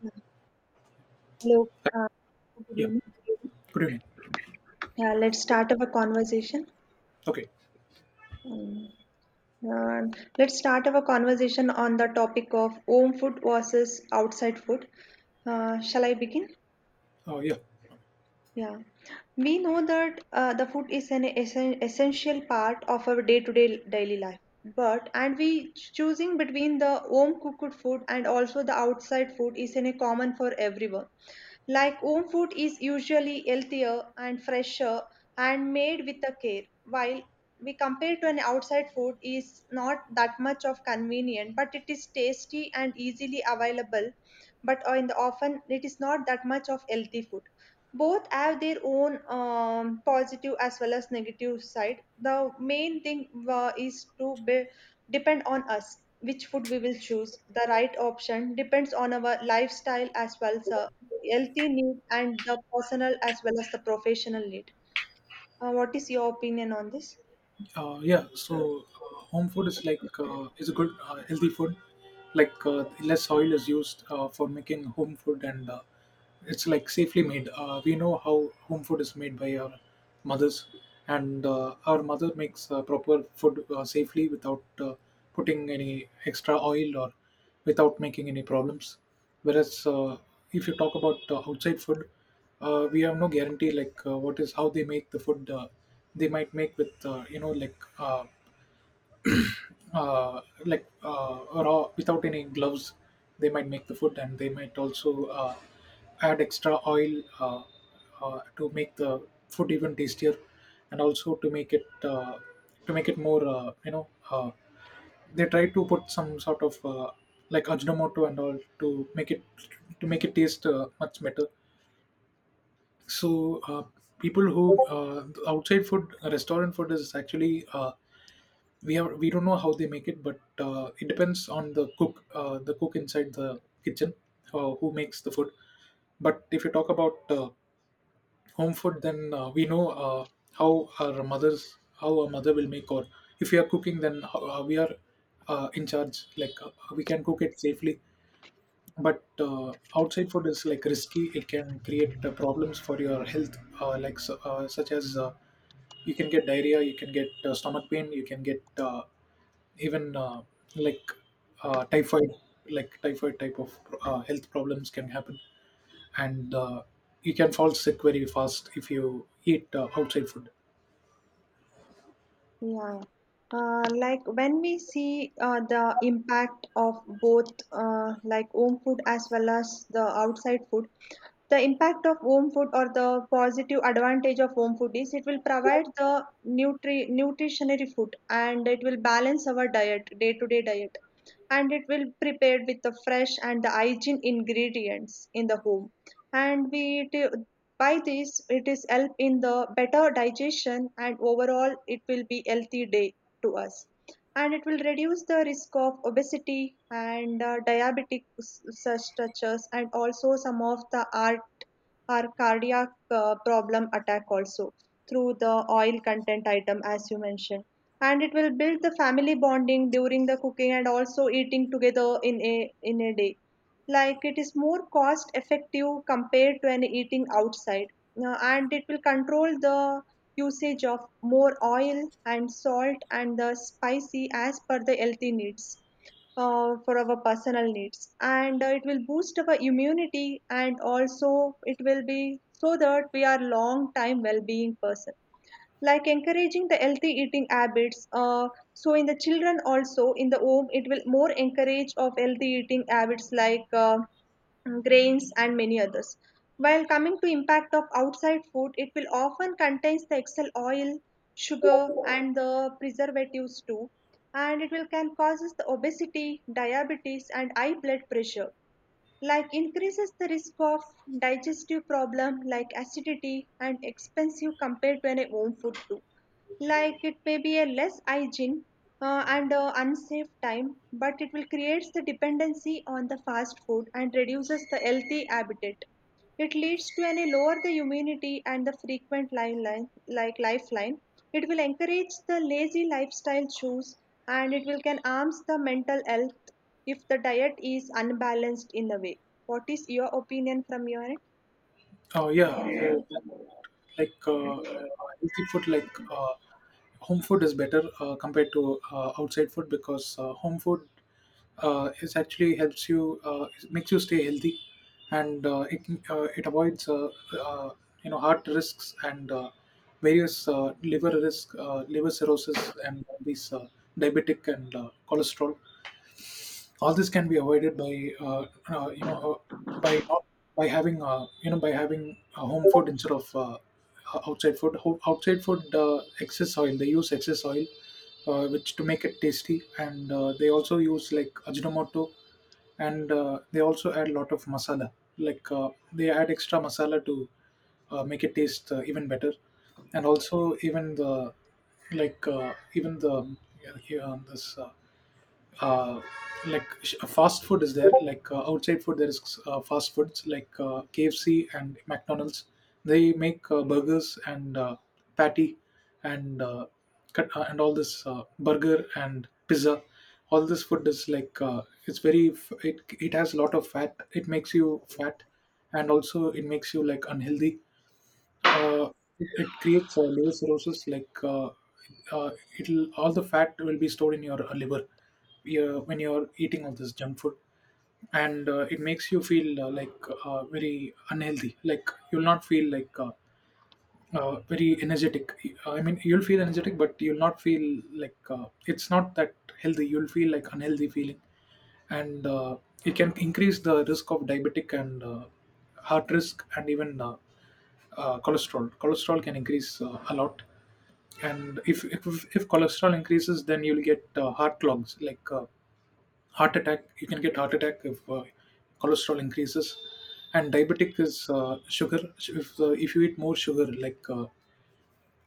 Yeah. Hello. Uh, good Yeah, evening. good evening. Yeah, let's start our conversation. Okay, Um, uh, let's start our conversation on the topic of home food versus outside food. Shall I begin? Yeah, Yeah. We know that the food is an essential part of our day-to-day daily life. But and we choosing between the home cooked food and also the outside food is in a common for everyone. Like home food is usually healthier and fresher and made with a care, while we compare to an outside food is not that much of convenient, but it is tasty and easily available. But in the often it is not that much of healthy food. Both have their own positive as well as negative side. The main thing is to be, depend on us which food we will choose. The right option depends on our lifestyle as well as healthy need and the personal as well as the professional need. Uh, what is your opinion on this? Yeah. So, home food is like is a good healthy food. Like less oil is used for making home food, and it's like safely made. We know how home food is made by our mothers, and our mother makes proper food safely without putting any extra oil or without making any problems. Whereas if you talk about outside food, we have no guarantee, like what is, how they make the food. They might make with like uh, like uh, raw without any gloves, they might make the food, and they might also add extra oil to make the food even tastier, and also to make it more they try to put some sort of like ajinomoto and all to make it taste much better. So people who outside food, restaurant food is actually, we don't know how they make it, but it depends on the cook, the cook inside the kitchen who makes the food. But if you talk about home food, then we know how our mother will make, or if we are cooking, then we are in charge, like we can cook it safely. But outside food is like risky, it can create problems for your health, like such as you can get diarrhea, you can get stomach pain, you can get even like typhoid, like typhoid type of health problems can happen. And you can fall sick very fast if you eat outside food. Yeah. Like when we see the impact of both, like home food as well as the outside food, the impact of home food or the positive advantage of home food is it will provide the nutritionary food and it will balance our diet, day-to-day diet, and it will prepared with the fresh and the hygiene ingredients in the home. And we t- by this it is help in the better digestion and overall it will be healthy day to us, and it will reduce the risk of obesity and diabetic such touches and also some of the heart or cardiac problem attack also through the oil content item, as you mentioned. And it will build the family bonding during the cooking and also eating together in a day. Like it is more cost effective compared to an eating outside. And it will control the usage of more oil and salt and the spicy as per the healthy needs for our personal needs, and it will boost our immunity and also it will be so that we are long time well-being person, like encouraging the healthy eating habits, so in the children also in the home it will more encourage of healthy eating habits like grains and many others. While coming to impact of outside food, it will often contains the excel oil, sugar and the preservatives too, and it will can causes the obesity, diabetes and high blood pressure. Like increases the risk of digestive problem like acidity and expensive compared to an home food too. Like it may be a less hygiene, and unsafe time, but it will creates the dependency on the fast food and reduces the healthy habitat. It leads to any lower the immunity and the frequent line, like lifeline. It will encourage the lazy lifestyle choose, and it will can harms the mental health if the diet is unbalanced in the way. What is your opinion from your end? Oh, yeah, so like healthy food, like home food is better compared to outside food, because home food is actually helps you, makes you stay healthy. And it avoids uh, heart risks and various liver risk, liver cirrhosis, and all these diabetic and cholesterol. All this can be avoided by uh, you know uh, by not by having by having home food instead of outside food. Outside food, excess oil, they use excess oil which to make it tasty. And they also use like ajinomoto, and they also add a lot of masala, like they add extra masala to make it taste even better. And also even the, like even the, yeah, here on this uh, like fast food is there, like outside food there is fast foods like KFC and McDonald's. They make burgers and patty, and cut, and all this burger and pizza. All this food is like it's very it has a lot of fat, it makes you fat, and also it makes you like unhealthy. uh, it creates liver cirrhosis. Like uh, it'll, all the fat will be stored in your liver when you're eating all this junk food, and it makes you feel like very unhealthy. Like you'll not feel like very energetic. I mean, you'll feel energetic, but you'll not feel like it's not that healthy. You'll feel like unhealthy feeling, and it can increase the risk of diabetic and heart risk, and even cholesterol. Cholesterol can increase a lot, and if if cholesterol increases, then you'll get heart clogs, like heart attack. You can get heart attack if cholesterol increases. And diabetic is sugar. If you eat more sugar, like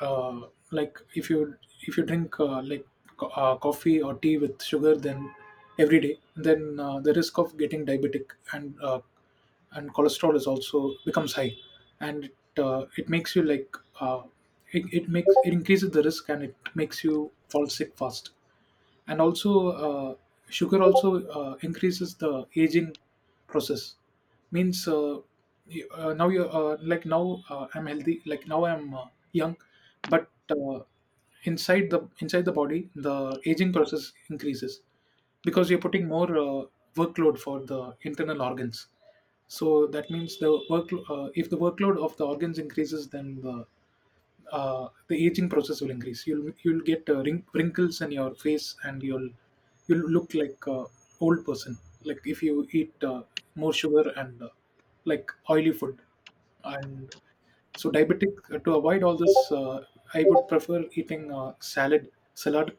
uh, like if you if you drink like coffee or tea with sugar, then every day, then the risk of getting diabetic and cholesterol is also becomes high. And it makes you like it makes it, increases the risk, and it makes you fall sick fast. And also sugar also increases the aging process. Means now you like now I'm healthy, like now I'm young, but inside the body, the aging process increases, because you're putting more workload for the internal organs. So that means the work, if the workload of the organs increases, then the the aging process will increase. You'll get wrinkles in your face, and you'll look like a old person. Like if you eat more sugar and like oily food, and so diabetic, to avoid all this, I would prefer eating salad,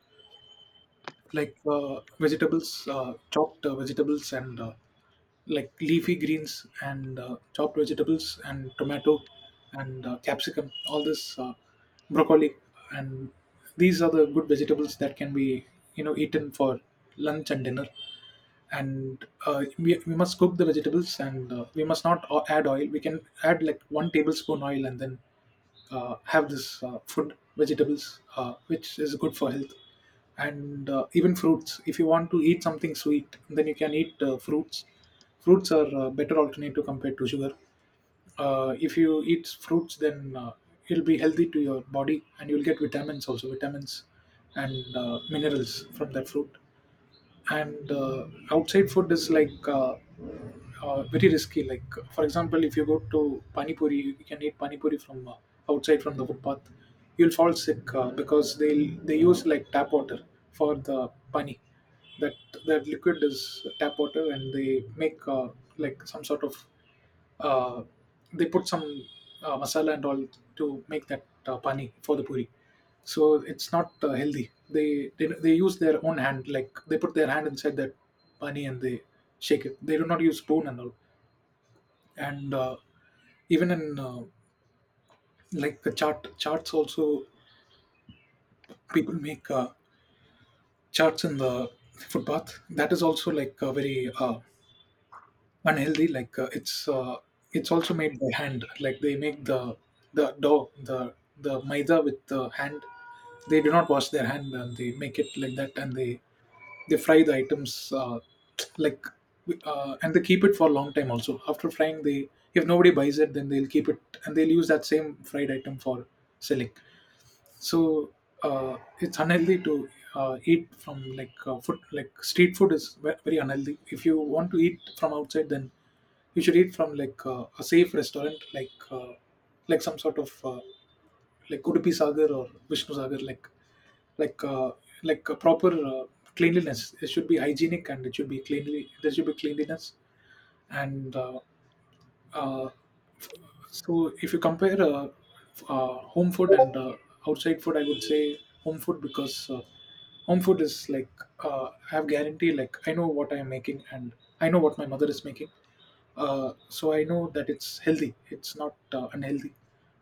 like vegetables, chopped vegetables, and like leafy greens and chopped vegetables and tomato, and capsicum, all this broccoli. And these are the good vegetables that can be eaten for lunch and dinner. And we must cook the vegetables, and we must not add oil, we can add like 1 tablespoon oil, and then have this food, vegetables, which is good for health. And even fruits, if you want to eat something sweet, then you can eat fruits. Fruits are better alternative compared to sugar. If you eat fruits, then it'll be healthy to your body, and you'll get vitamins, also vitamins and minerals from that fruit. And outside food is like very risky, like for example, if you go to pani puri, you can eat pani puri from outside, from the footpath, you'll fall sick because they use like tap water for the pani. That that liquid is tap water, and they make like some sort of uh, they put some masala and all to make that pani for the puri. So it's not healthy. They use their own hand, like they put their hand inside that pani, and they shake it, they do not use spoon and all. And even in like the charts also, people make charts in the footpath. That is also like a very unhealthy, like it's also made by hand, like they make the dough, the maida with the hand. They do not wash their hand, and they make it like that, and they fry the items, like and they keep it for a long time also. After frying, they, if nobody buys it, then they'll keep it, and they'll use that same fried item for selling. So it's unhealthy to eat from like food, like street food is very unhealthy. If you want to eat from outside, then you should eat from like a safe restaurant, like some sort of like Udupi Sagar or Vishnu Sagar, like, like uh, like a proper cleanliness. It should be hygienic, and it should be cleanly. There should be cleanliness. And uh, so if you compare home food and outside food, I would say home food, because home food is like I have guarantee. Like, I know what I am making, and I know what my mother is making. So I know that it's healthy, it's not unhealthy.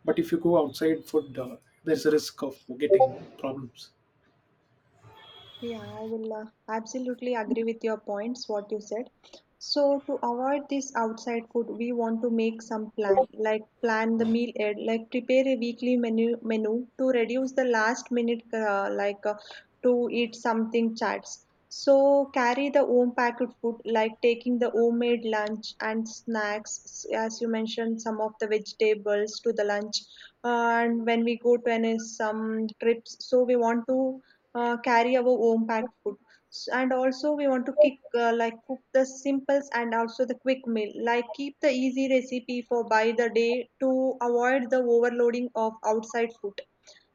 But if you go outside food, there's a risk of getting problems. Yeah, I will absolutely agree with your points, what you said. So to avoid this outside food, we want to make some plan, like plan the meal, ahead, like prepare a weekly menu to reduce the last minute, like to eat something chats. So carry the home packaged food, like taking the homemade lunch and snacks, as you mentioned, some of the vegetables to the lunch. Uh, and when we go to any some trips, so we want to carry our own packed food. And also we want to kick like cook the simples and also the quick meal, like keep the easy recipe for by the day to avoid the overloading of outside food,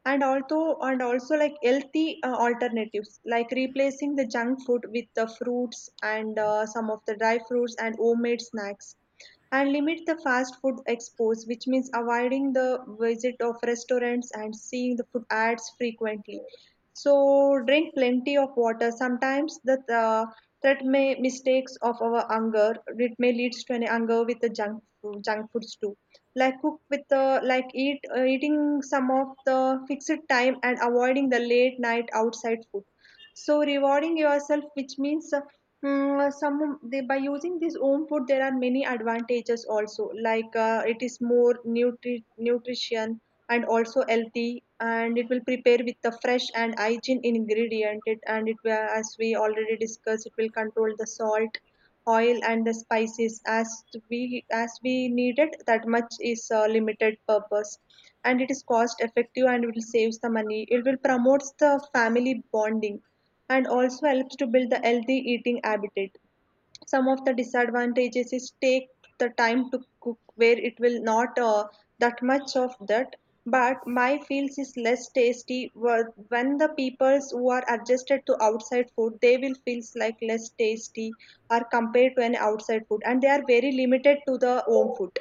and also like healthy alternatives like replacing the junk food with the fruits and some of the dry fruits and homemade snacks, and limit the fast food expose, which means avoiding the visit of restaurants and seeing the food ads frequently. So drink plenty of water. Sometimes the that may mistakes of our hunger. It may leads to an hunger with the junk foods too. Like cook with the like eating some of the fixed time and avoiding the late night outside food. So rewarding yourself, which means some they by using this home food there are many advantages also, like it is more nutrition and also healthy, and it will prepare with the fresh and hygiene ingredient it, and it will as we already discussed it will control the salt, oil and the spices as we needed that much is limited purpose, and it is cost effective and it will saves the money, it will promotes the family bonding and also helps to build the healthy eating habit. Some of the disadvantages is take the time to cook where it will not that much of that, but my feels is less tasty when the peoples who are adjusted to outside food they will feels like less tasty are compared to an outside food and they are very limited to the home food.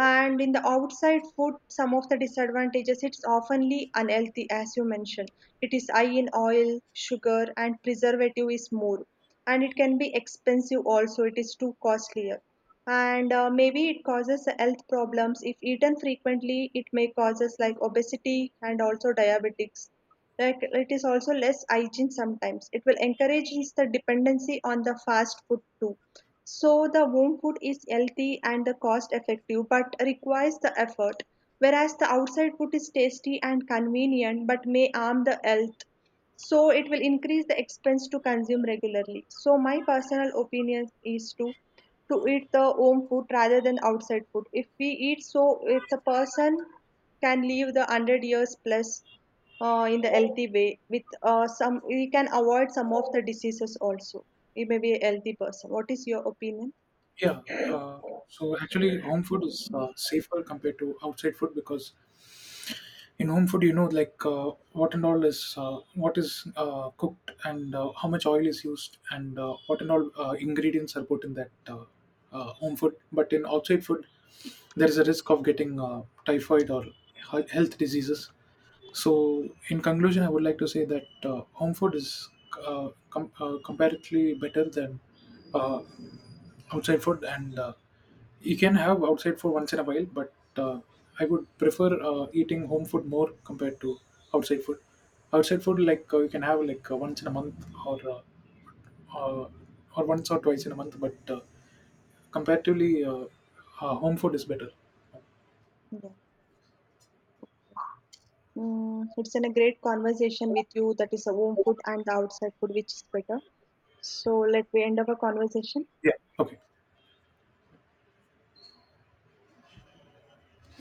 And in the outside food some of the disadvantages, it's oftenly unhealthy as you mentioned, it is high in oil, sugar and preservative is more, and it can be expensive also, it is too costlier, and maybe it causes health problems if eaten frequently. It may causes like obesity and also diabetics, like it is also less hygiene sometimes, it will encourage is the dependency on the fast food too. So the home food is healthy and the cost effective but requires the effort, whereas the outside food is tasty and convenient but may harm the health. So it will increase the expense to consume regularly. So my personal opinion is to eat the home food rather than outside food. If we eat so if the person can live the 100 years plus, in the healthy way with some we can avoid some of the diseases also, we may be a healthy person. What is your opinion? Yeah. Uh, so actually, home food is safer compared to outside food, because in home food, you know, like what and all is, what is cooked, and how much oil is used, and what and all ingredients are put in that home food. But in outside food, there is a risk of getting typhoid or health diseases. So in conclusion, I would like to say that home food is comparatively better than uh, outside food, and you can have outside food once in a while, but I would prefer eating home food more compared to outside food. Outside food, like you can have like once in a month, or uh, uh, or once or twice in a month, but comparatively home food is better. Yeah. Mm, it's been a great conversation with you, that is a home food and the outside food which is better. So let me end our conversation. Yeah, okay.